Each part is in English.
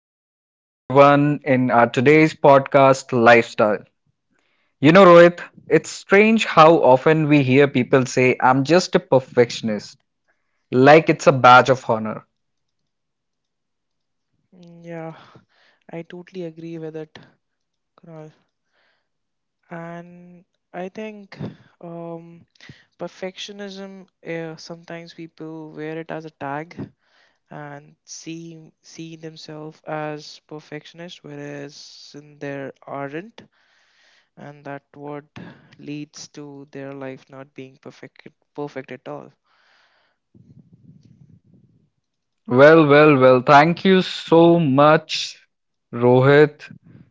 and welcome everyone in our today's podcast lifestyle. You know, Rohit, it's strange how often we hear people say, I'm just a perfectionist, like it's a badge of honor. Mm, yeah, I totally agree with it, Kunal. And I think um, perfectionism, sometimes people wear it as a tag and see themselves as perfectionist, whereas in there aren't, and that what leads to their life not being perfect at all. Well, well, well, thank you so much, Rohit.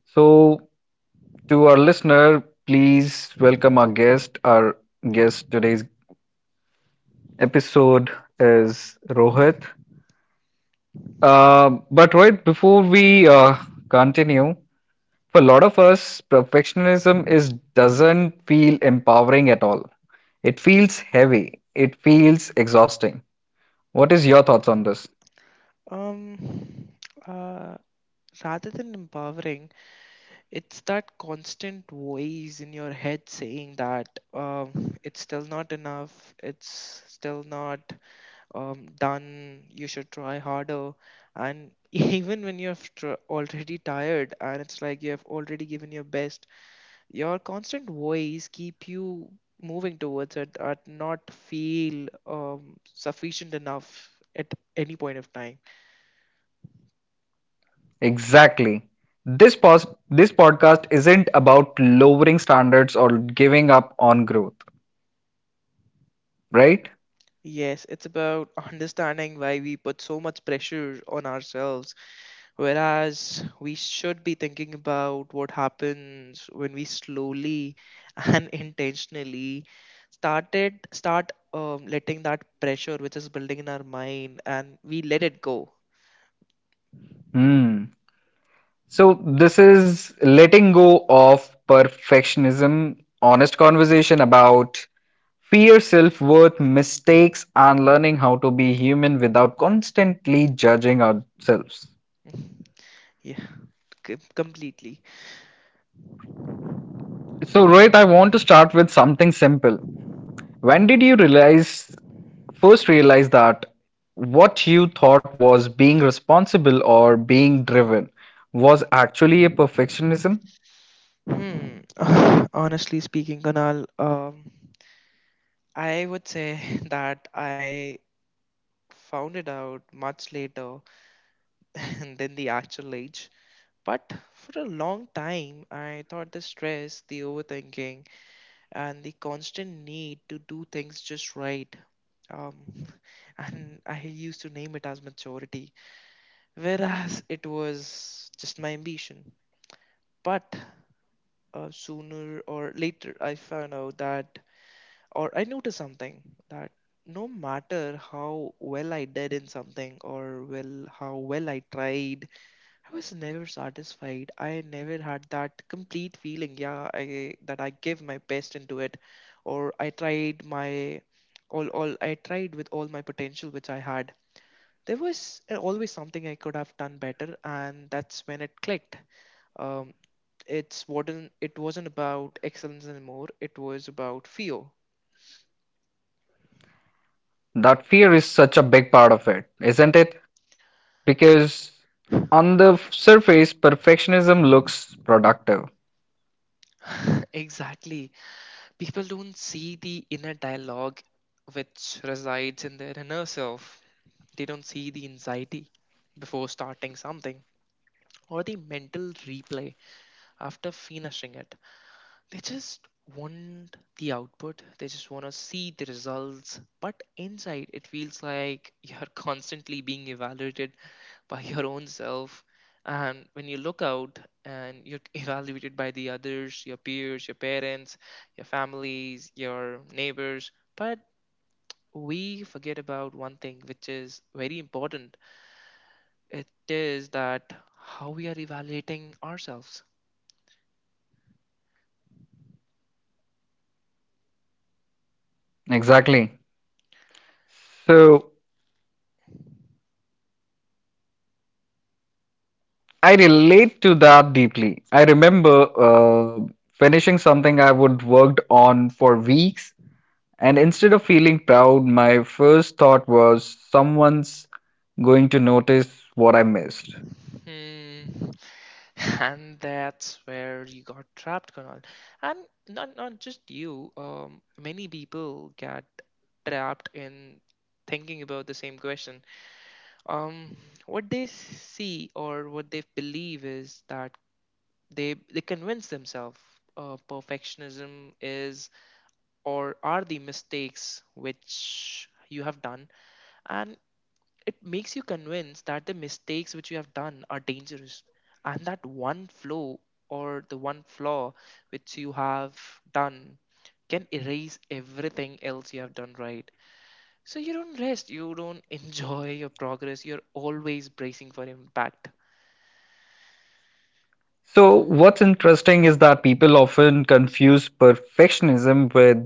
So, to our listener, please welcome our guest. Our guest today's episode is Rohit. Uh, but Rohit, before we continue, for a lot of us, perfectionism is doesn't feel empowering at all. It feels heavy. It feels exhausting. What is your thoughts on this? Um, uh, Rather than empowering, it's that constant voice in your head saying that it's still not enough, it's still not done, you should try harder. And even when you're already tired and it's like you have already given your best, your constant voice keep you moving towards it and not feel sufficient enough at any point of time. Exactly. This podcast isn't about lowering standards or giving up on growth, right? Yes, it's about understanding why we put so much pressure on ourselves. Whereas we should be thinking about what happens when we slowly and intentionally start letting that pressure which is building in our mind, and we let it go. Hmm. So this is letting go of perfectionism, honest conversation about fear, self-worth, mistakes, and learning how to be human without constantly judging ourselves. Yeah, completely. So Rohit, I want to start with something simple. When did you realize first realize that what you thought was being responsible or being driven was actually a perfectionism? Hmm. Honestly speaking, Kanal, I would say that I found it out much later than the actual age. But for a long time, I thought the stress, the overthinking, and the constant need to do things just right. Um, and I used to name it as maturity, whereas it was just my ambition. But sooner or later, I found out that, or I noticed something that no matter how well I did in something or well how well I tried, I was never satisfied. I never had that complete feeling, yeah, I that I give my best into it, or I tried my all I tried with all my potential which I had. There was always something I could have done better, and that's when it clicked. Um, it wasn't about excellence anymore. It was about fear. That fear is such a big part of it, isn't it? Because on the surface perfectionism looks productive. Exactly. People don't see the inner dialogue which resides in their inner self. They don't see the anxiety before starting something or the mental replay after finishing it. They just want the output, they just want to see the results. But inside, it feels like you're constantly being evaluated by your own self. And when you look out and you're evaluated by the others, your peers, your parents, your families, your neighbors, but we forget about one thing which is very important. It is that how we are evaluating ourselves. Exactly. So I relate to that deeply. I remember uh, finishing something I would worked on for weeks, and instead of feeling proud, my first thought was someone's going to notice what I missed. Hmm. And that's where you got trapped, Kunal. And not just you. Many people get trapped in thinking about the same question. Um, what they see or what they believe is that they convince themselves perfectionism is or are the mistakes which you have done, and it makes you convinced that the mistakes which you have done are dangerous, and that one flaw or the one flaw which you have done can erase everything else you have done right. So you don't rest, you don't enjoy your progress, you're always bracing for impact. So what's interesting is that people often confuse perfectionism with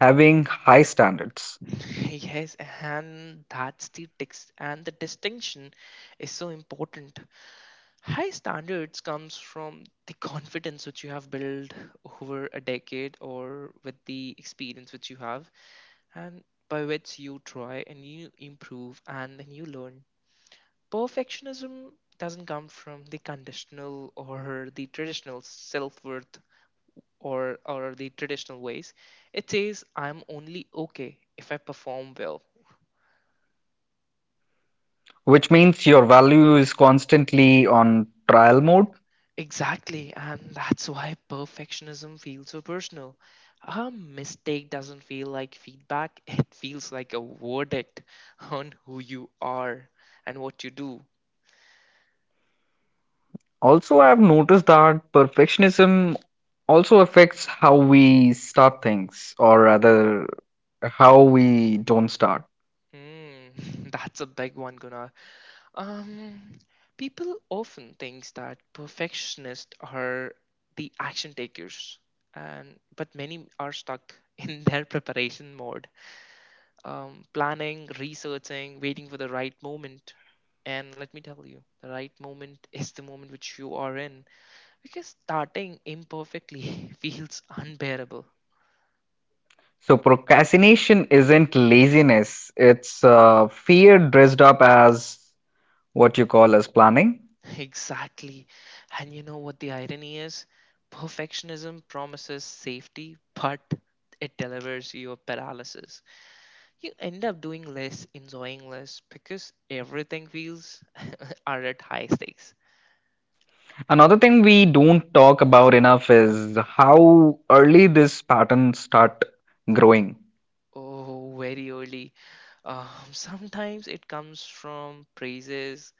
having high standards, Yes, and that's the text and the distinction is so important. High standards comes from the confidence which you have built over a decade or with the experience which you have, and by which you try and you improve and then you learn. Perfectionism doesn't come from the conditional or the traditional self-worth or the traditional ways. It says I'm only okay if I perform well. which means your value is constantly on trial mode. Exactly, and that's why perfectionism feels so personal. A mistake doesn't feel like feedback, it feels like a verdict on who you are and what you do. Also, I have noticed that perfectionism also affects how we start things, or rather, how we don't start. Hmm, that's a big one, Gunnar. Um, People often think that perfectionists are the action takers, and but many are stuck in their preparation mode. Planning, researching, waiting for the right moment. And let me tell you, the right moment is the moment which you are in, because starting imperfectly feels unbearable. So, procrastination isn't laziness, it's fear dressed up as what you call as planning. Exactly. And you know what the irony is? Perfectionism promises safety, but it delivers you a paralysis. You end up doing less, enjoying less, because everything feels are at high stakes. Another thing we don't talk about enough is how early this pattern start growing. Oh, very early. Um, Sometimes it comes from praises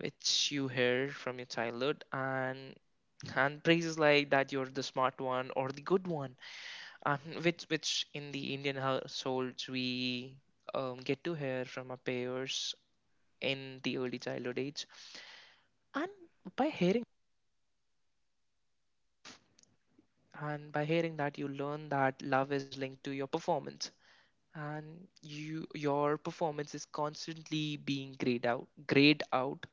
which you hear from your childhood, and praises like that you're the smart one or the good one, and which in the Indian households we get to hear from our peers in the early childhood age, and by hearing by hearing that you learn that love is linked to your performance, and you your performance is constantly being grayed out,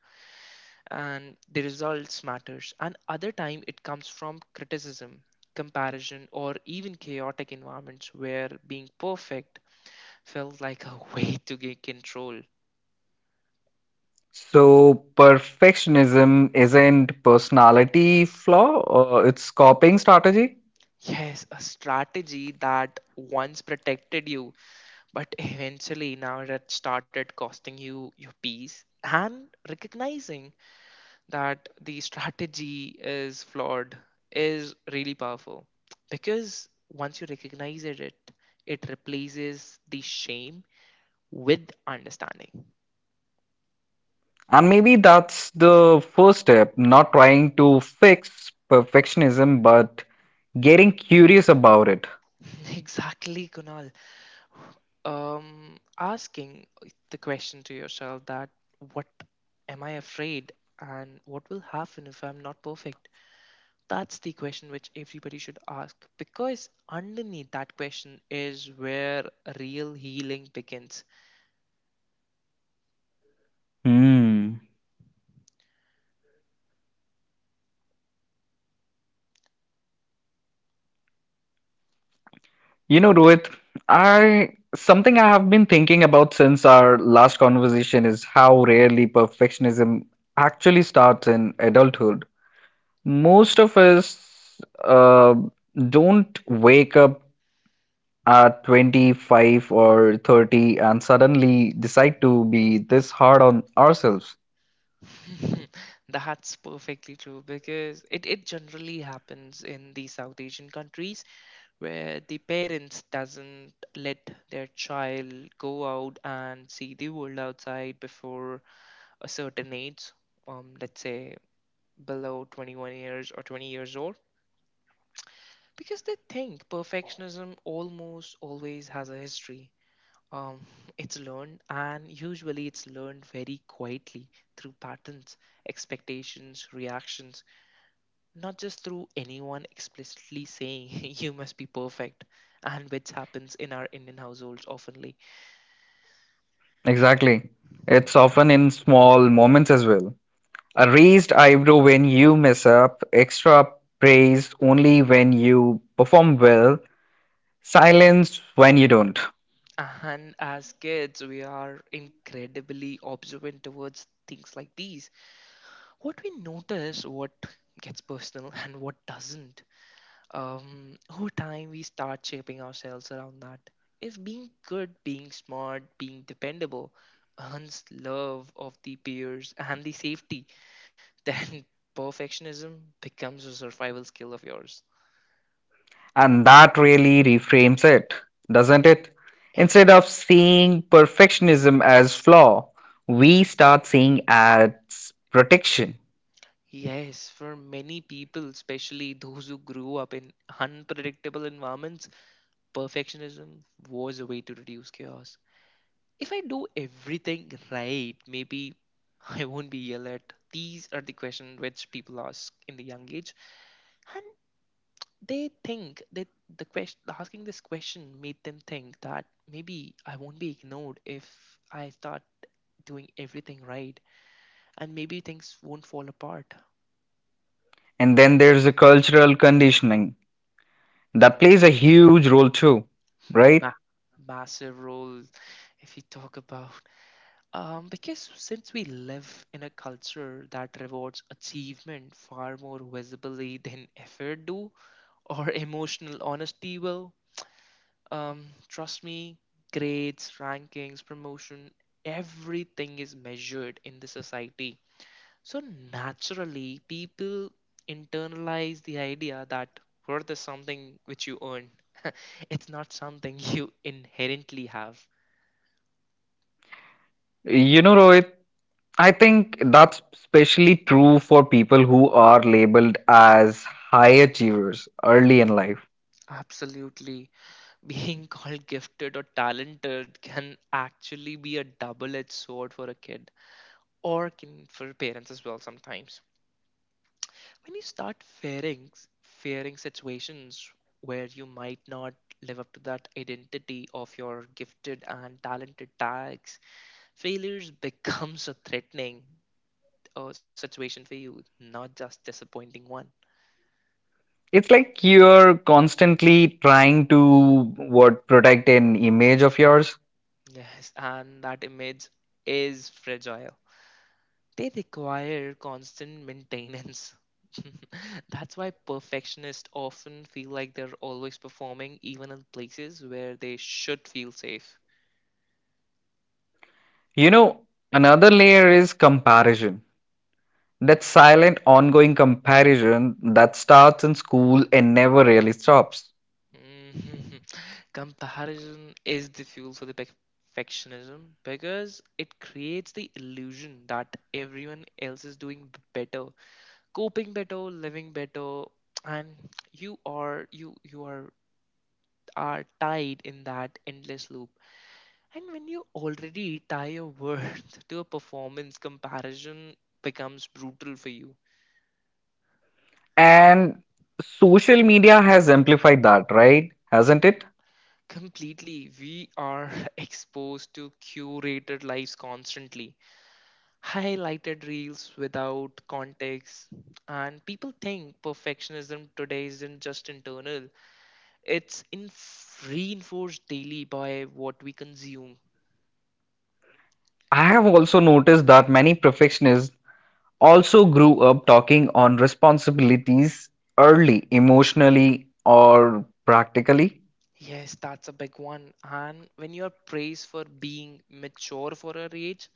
and the results matters, and other time it comes from criticism, comparison, or even chaotic environments where being perfect felt like a way to gain control. So perfectionism isn't personality flaw, it's coping strategy. Yes, a strategy that once protected you, but eventually now it had started costing you your peace. And recognizing that the strategy is flawed is really powerful, because once you recognize it, it it replaces the shame with understanding. And maybe that's the first step, not trying to fix perfectionism, but getting curious about it. Exactly, Kunal. Asking the question to yourself that what am I afraid and what will happen if I'm not perfect? That's the question which everybody should ask, because underneath that question is where real healing begins. Hmm. You know, Rohit, I something I have been thinking about since our last conversation is how rarely perfectionism actually starts in adulthood. Most of us uh, don't wake up at 25 or 30 and suddenly decide to be this hard on ourselves. That's perfectly true, because it generally happens in the South Asian countries where the parents doesn't let their child go out and see the world outside before a certain age, let's say below 21 years or 20 years old, because they think perfectionism almost always has a history. Um, it's learned, and usually it's learned very quietly through patterns, expectations, reactions, not just through anyone explicitly saying you must be perfect, and which happens in our indian households oftenly. Exactly. It's often in small moments as well. A raised eyebrow when you mess up, extra praise only when you perform well, silence when you don't. And as kids, we are incredibly observant towards things like these, what we notice, what gets personal and what doesn't. Over time, we start shaping ourselves around that. If being good, being smart, being dependable earns love of the peers and the safety, then perfectionism becomes a survival skill of yours. And that really reframes it, doesn't it? Instead of seeing perfectionism as flaw, we start seeing as protection. Yes, for many people, especially those who grew up in unpredictable environments, perfectionism was a way to reduce chaos. If I do everything right, maybe I won't be yelled at. These are the questions which people ask in the young age, and they think that the question asking this question made them think that maybe I won't be ignored if I start doing everything right, and maybe things won't fall apart. And then there's the cultural conditioning that plays a huge role too, right? Ma- Massive role if you talk about because since we live in a culture that rewards achievement far more visibly than effort do or emotional honesty will. Trust me, grades, rankings, promotion, everything is measured in the society. So naturally people internalize the idea that worth is something which you earn. It's not something you inherently have. You know, Rohit, I think that's especially true for people who are labeled as high achievers early in life. Absolutely. Being called gifted or talented can actually be a double edged sword for a kid, or can for parents as well sometimes. When you start fearing situations where you might not live up to that identity of your gifted and talented tags, failures becomes a threatening situation for you, not just disappointing one. It's like you're constantly trying to what protect an image of yours. Yes, and that image is fragile. They require constant maintenance. That's why perfectionists often feel like they're always performing, even in places where they should feel safe. You know, another layer is comparison. That silent ongoing comparison that starts in school and never really stops. Mhm. Comparison is the fuel for the perfectionism, because it creates the illusion that everyone else is doing better, coping better, living better, and you are tied in that endless loop. And when you already tie your worth to a performance, comparison becomes brutal for you. And social media has amplified that, right? Hasn't it? Completely, we are exposed to curated lives constantly, highlighted reels without context. And people think perfectionism today isn't just internal, it's in reinforced daily by what we consume. I have also noticed that many perfectionists also grew up talking on responsibilities early, emotionally or practically, Yes, that's a big one. And when you are praised for being mature for your age,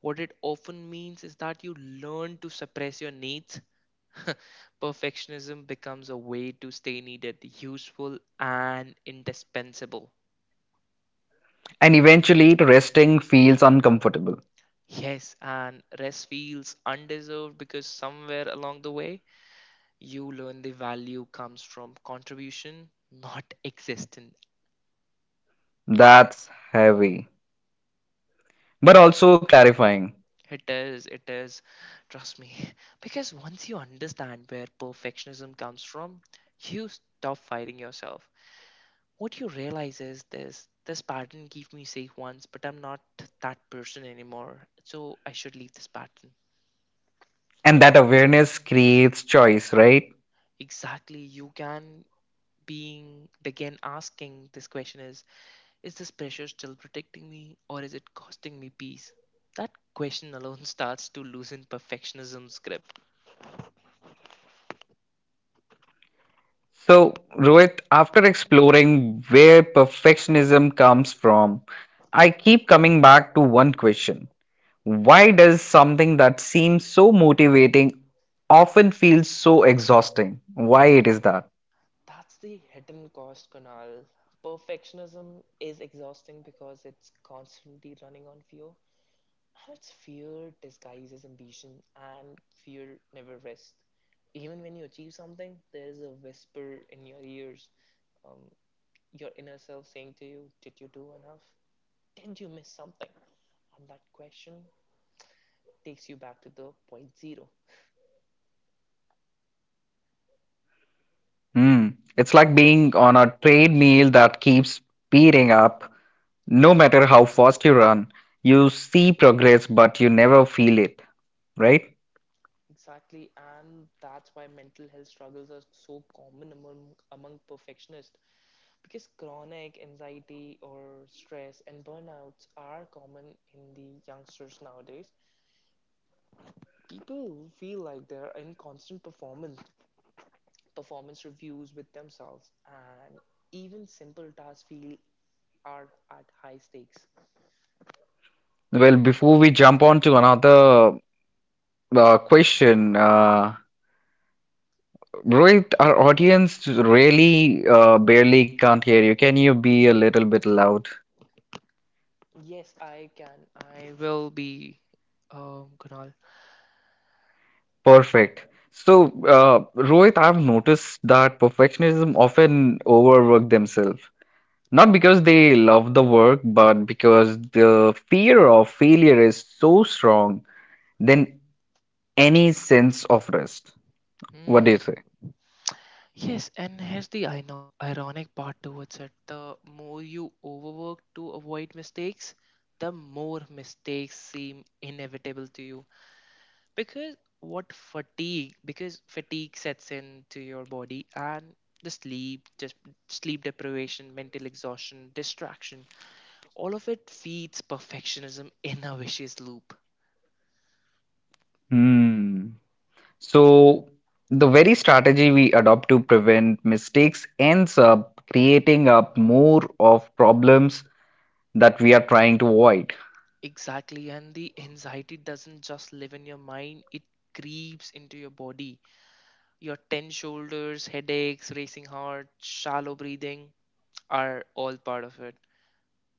what it often means is that you learn to suppress your needs. Perfectionism becomes a way to stay needed, useful, and indispensable. and eventually resting feels uncomfortable. Yes, and rest feels undeserved because somewhere along the way, you learn the value comes from contribution, not existence. That's heavy, but also clarifying. It is. Trust me. Because once you understand where perfectionism comes from, you stop fighting yourself. What you realize is this pattern gave me safe once, but I'm not that person anymore. So I should leave this pattern. And that awareness creates choice, right? Exactly. You can being begin asking this question is this pressure still protecting me or is it costing me peace? That question alone starts to loosen perfectionism's grip. So, Rohit, after exploring where perfectionism comes from, I keep coming back to one question. Why does something that seems so motivating often feel so exhausting? Why it is that? That's the hidden cost, Kunal. Perfectionism is exhausting because it's constantly running on fear. And it's fear disguised as ambition, and fear never rests. Even when you achieve something, there is a whisper in your ears, um, your inner self saying to you, did you do enough? Did you miss something? And that question takes you back to the point zero. Hmm. It's like being on a treadmill that keeps speeding up. No matter how fast you run, you see progress, but you never feel it, right? Exactly, and that's why mental health struggles are so common among perfectionists. Because chronic anxiety or stress and burnouts are common in the youngsters nowadays. People feel like they're in constant performance reviews with themselves, and even simple tasks feel are at high stakes. Well, before we jump on to another question, Rohit, our audience really barely can't hear you. Can you be a little bit loud? Yes, I can. I will be. Kunal. Perfect. So, Rohit, I've noticed that perfectionism often overwork themselves. Not because they love the work, but because the fear of failure is so strong than any sense of rest. What do you Hmm. say? Yes, and here's the I know ironic part towards it. The more you overwork to avoid mistakes, the more mistakes seem inevitable to you. Because what fatigue because fatigue sets in to your body, and the sleep deprivation, mental exhaustion, distraction, all of it feeds perfectionism in a vicious loop. Hmm. So, the very strategy we adopt to prevent mistakes ends up creating up more of problems that we are trying to avoid. Exactly, and the anxiety doesn't just live in your mind, it creeps into your body. Your tense shoulders, headaches, racing heart, shallow breathing are all part of it.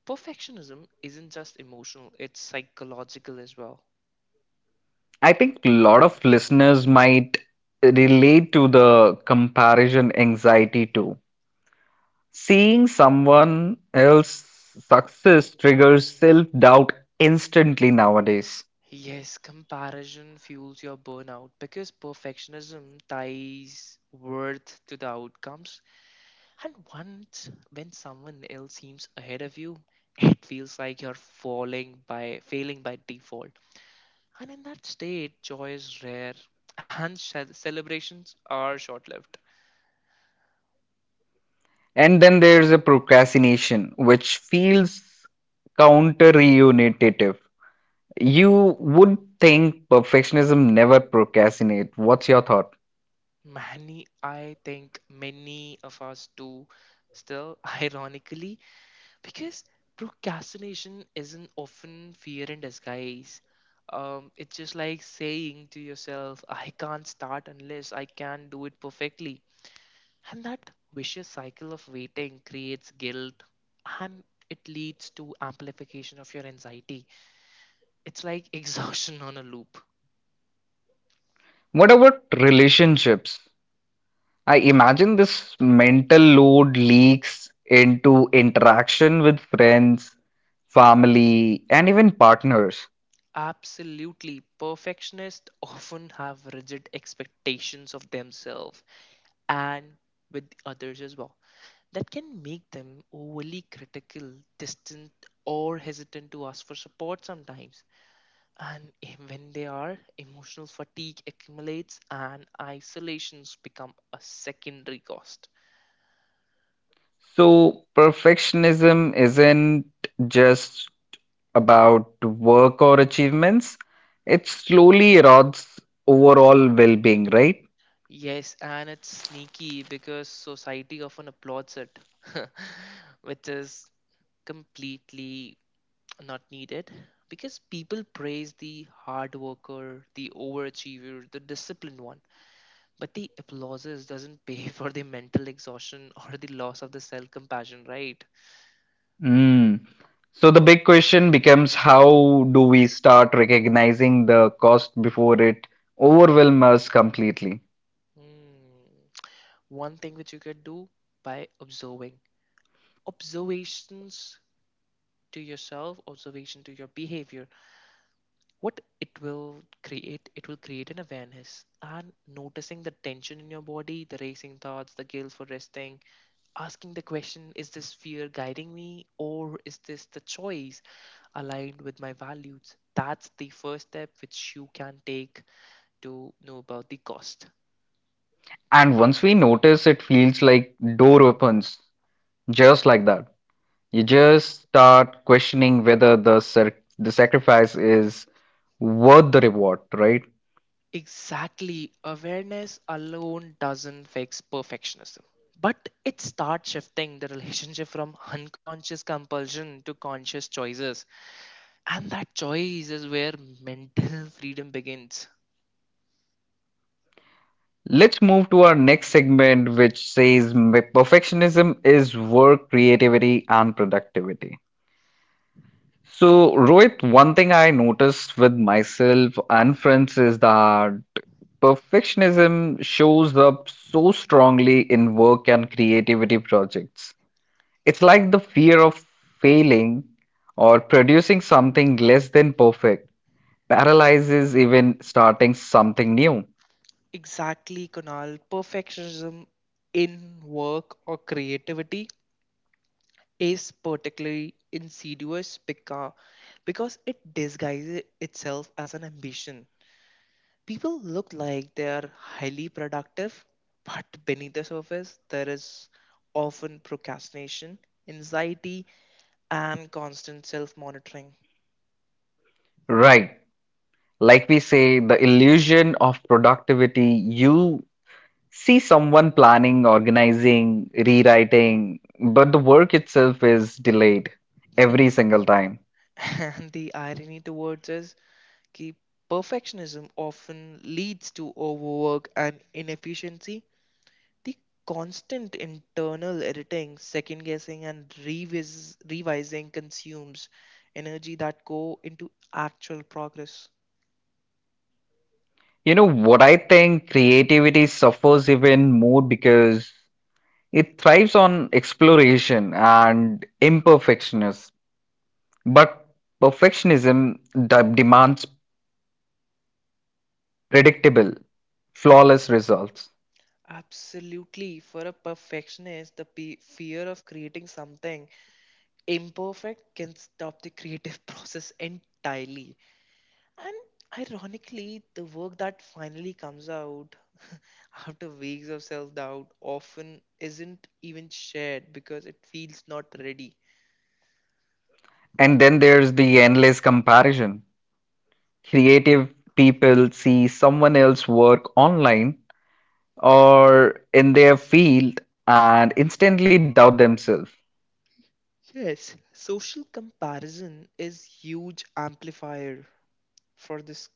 Perfectionism isn't just emotional, it's psychological as well. I think a lot of listeners might relate to the comparison anxiety too. Seeing someone else's success triggers self doubt instantly nowadays. Yes, comparison fuels your burnout because perfectionism ties worth to the outcomes. And once when someone else seems ahead of you, it feels like you're falling by failing by default. And in that state, joy is rare and celebrations are short lived. And then there's a procrastination, which feels counter. You would think perfectionism never procrastinate. What's your thought? Many, I think many of us do still, ironically, because procrastination isn't often fear in disguise. It's just like saying to yourself, I can't start unless I can do it perfectly. And that vicious cycle of waiting creates guilt, and it leads to amplification of your anxiety. It's like exhaustion on a loop. What about relationships? I imagine this mental load leaks into interaction with friends, family, and even partners. Absolutely. Perfectionists often have rigid expectations of themselves and with others as well. That can make them overly critical, distant, or hesitant to ask for support sometimes. And when they are, emotional fatigue accumulates and isolations become a secondary cost. So, perfectionism isn't just about work or achievements, it slowly erodes overall well being, right? Yes, and it's sneaky because society often applauds it, which is completely not needed, because people praise the hard worker, the overachiever, the disciplined one, but the applauses doesn't pay for the mental exhaustion or the loss of the self compassion, right? Mm. So the big question becomes how do we start recognizing the cost before it overwhelms us completely? Hmm. One thing which you can do by observing observations to yourself, observation to your behavior, what it will create an awareness and noticing the tension in your body, the racing thoughts, the guilt for resting, asking the question, is this fear guiding me, or is this the choice aligned with my values? That's the first step which you can take to know about the cost. And once we notice, it feels like door opens, just like that. You just start questioning whether the sacrifice is worth the reward, right? Exactly, awareness alone doesn't fix perfectionism, but it starts shifting the relationship from unconscious compulsion to conscious choices, and that choice is where mental freedom begins. Let's move to our next segment, which says perfectionism is work, creativity, and productivity. So, Rohit, one thing I noticed with myself and friends is that perfectionism shows up so strongly in work and creativity projects. It's like the fear of failing or producing something less than perfect paralyzes even starting something new. Exactly, Kunal. Perfectionism in work or creativity is particularly insidious because it disguises itself as an ambition. People look like they are highly productive, but beneath the surface, there is often procrastination, anxiety, and constant self monitoring. Right. Like we say, the illusion of productivity, you see someone planning, organizing, rewriting, but the work itself is delayed every single time. And the irony towards is ki perfectionism often leads to overwork and inefficiency. The constant internal editing, second guessing, and revising consumes energy that go into actual progress. You know what, I think creativity suffers even more because it thrives on exploration and imperfectionness, but perfectionism demands predictable, flawless results. Absolutely, for a perfectionist, the fear of creating something imperfect can stop the creative process entirely. And ironically, the work that finally comes out after weeks of self doubt often isn't even shared because it feels not ready. And then there's the endless comparison. Creative people see someone else work online or in their field and instantly doubt themselves. Yes, social comparison is huge amplifier for this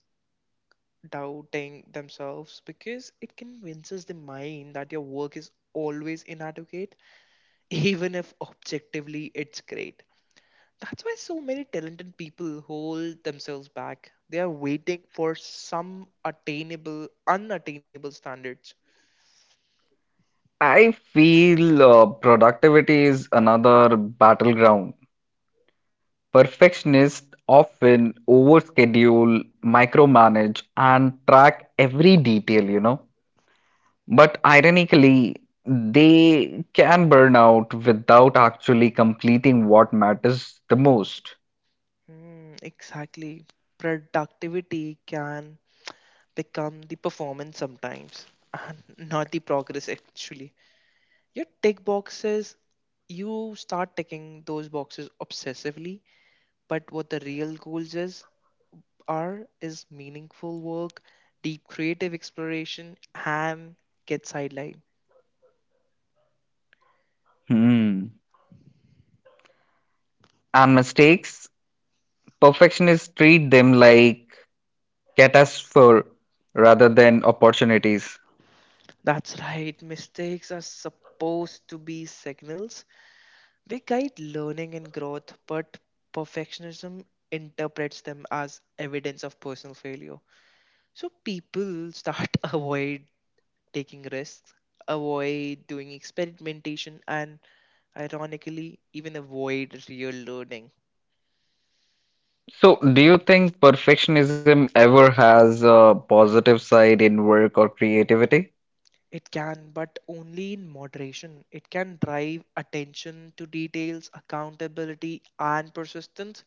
doubting themselves, because it convinces the mind that your work is always inadequate even if objectively it's great. That's why so many talented people hold themselves back. They are waiting for some attainable unattainable standards. I feel productivity is another battleground. Perfectionists often overschedule, micromanage, and track every detail, you know. But ironically, they can burn out without actually completing what matters the most. Hmm, exactly. Productivity can become the performance sometimes, and not the progress actually. Your tick boxes, you start ticking those boxes obsessively, but what the real goals is are is meaningful work, deep creative exploration, and get sidelined. Hmm. And mistakes, perfectionists treat them like catastrophe rather than opportunities. That's right, mistakes are supposed to be signals. They guide learning and growth, but perfectionism interprets them as evidence of personal failure. So people start avoid taking risks, avoid doing experimentation, and ironically, even avoid real learning. So, do you think perfectionism ever has a positive side in work or creativity? It can, but only in moderation. It can drive attention to details, accountability, and persistence.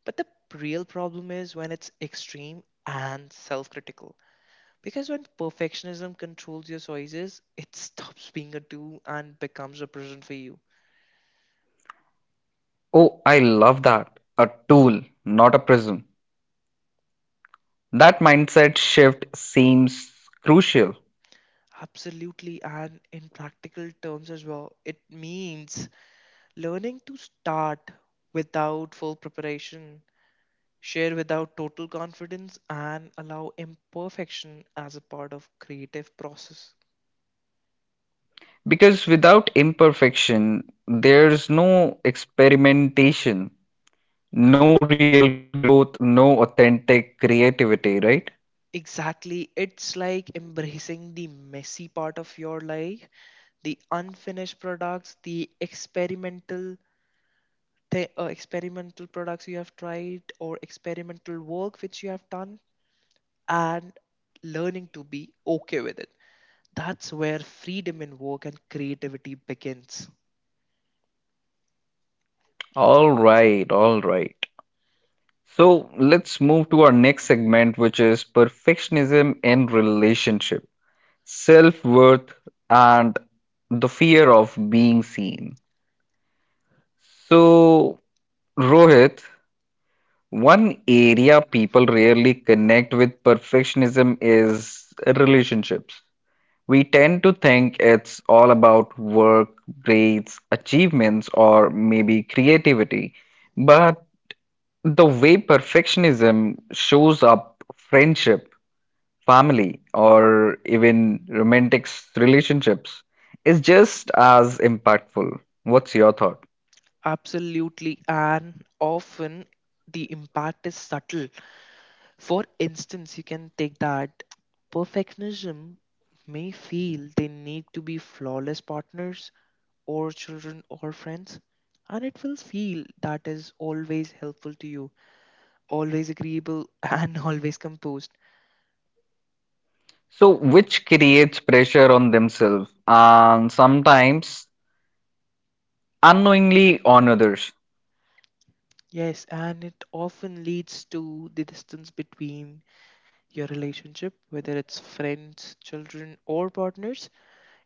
But the real problem is when it's extreme and self critical. Because when perfectionism controls your choices, it stops being a do and becomes a present for you. Oh, I love that. A tool, not a prism. That mindset shift seems crucial. Absolutely, and in practical terms as well, it means learning to start without full preparation, share without total confidence, and allow imperfection as a part of creative process. Because without imperfection, there's no experimentation, no real growth, no authentic creativity, right? Exactly, it's like embracing the messy part of your life, the unfinished products, the experimental experimental products you have tried, or experimental work which you have done, and learning to be okay with it. That's where freedom in work and creativity begins. All right, all right. So let's move to our next segment, which is perfectionism in relationship, self worth, and the fear of being seen. So, Rohit, one area people rarely connect with perfectionism is relationships. We tend to think it's all about work, grades, achievements, or maybe creativity. But the way perfectionism shows up friendship family or even romantic relationships is just as impactful. What's your thought? Absolutely, and often the impact is subtle. For instance, you can take that perfectionism may feel they need to be flawless partners or children or friends, and it will feel that is always helpful to you, always agreeable, and always composed. So, which creates pressure on themselves and sometimes unknowingly on others. Yes, and it often leads to the distance between your relationship, whether it's friends, children, or partners.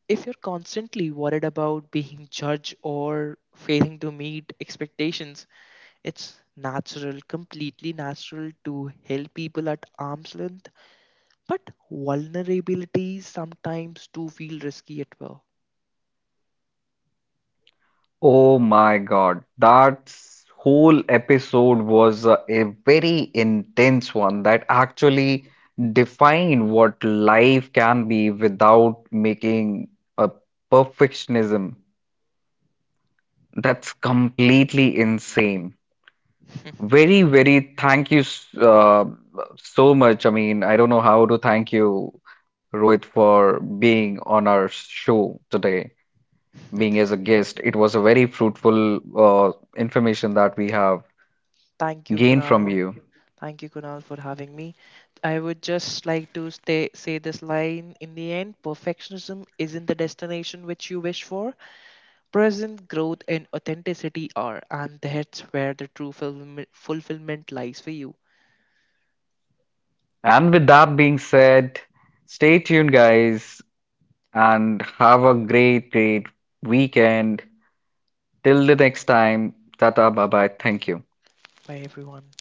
If you're constantly worried about being judged or failing to meet expectations, it's natural, completely natural to help people at arm's length. But vulnerabilities sometimes do feel risky at well. Oh my God, that whole episode was a very intense one that actually defined what life can be without making a perfectionism. That's completely insane. Very, very thank you so much. I mean, I don't know how to thank you, Rohit, for being on our show today, being as a guest. It was a very fruitful uh, information that we have Thank you, gained from Kunal. you. Thank you, Kunal, for having me. I would just like to stay, say this line in the end: perfectionism isn't the destination which you wish for. Present growth and authenticity are, and that's where the true fulfillment lies for you. And with that being said, stay tuned, guys, and have a great, great weekend. Till the next time, tata, bye bye, thank you. Bye, everyone.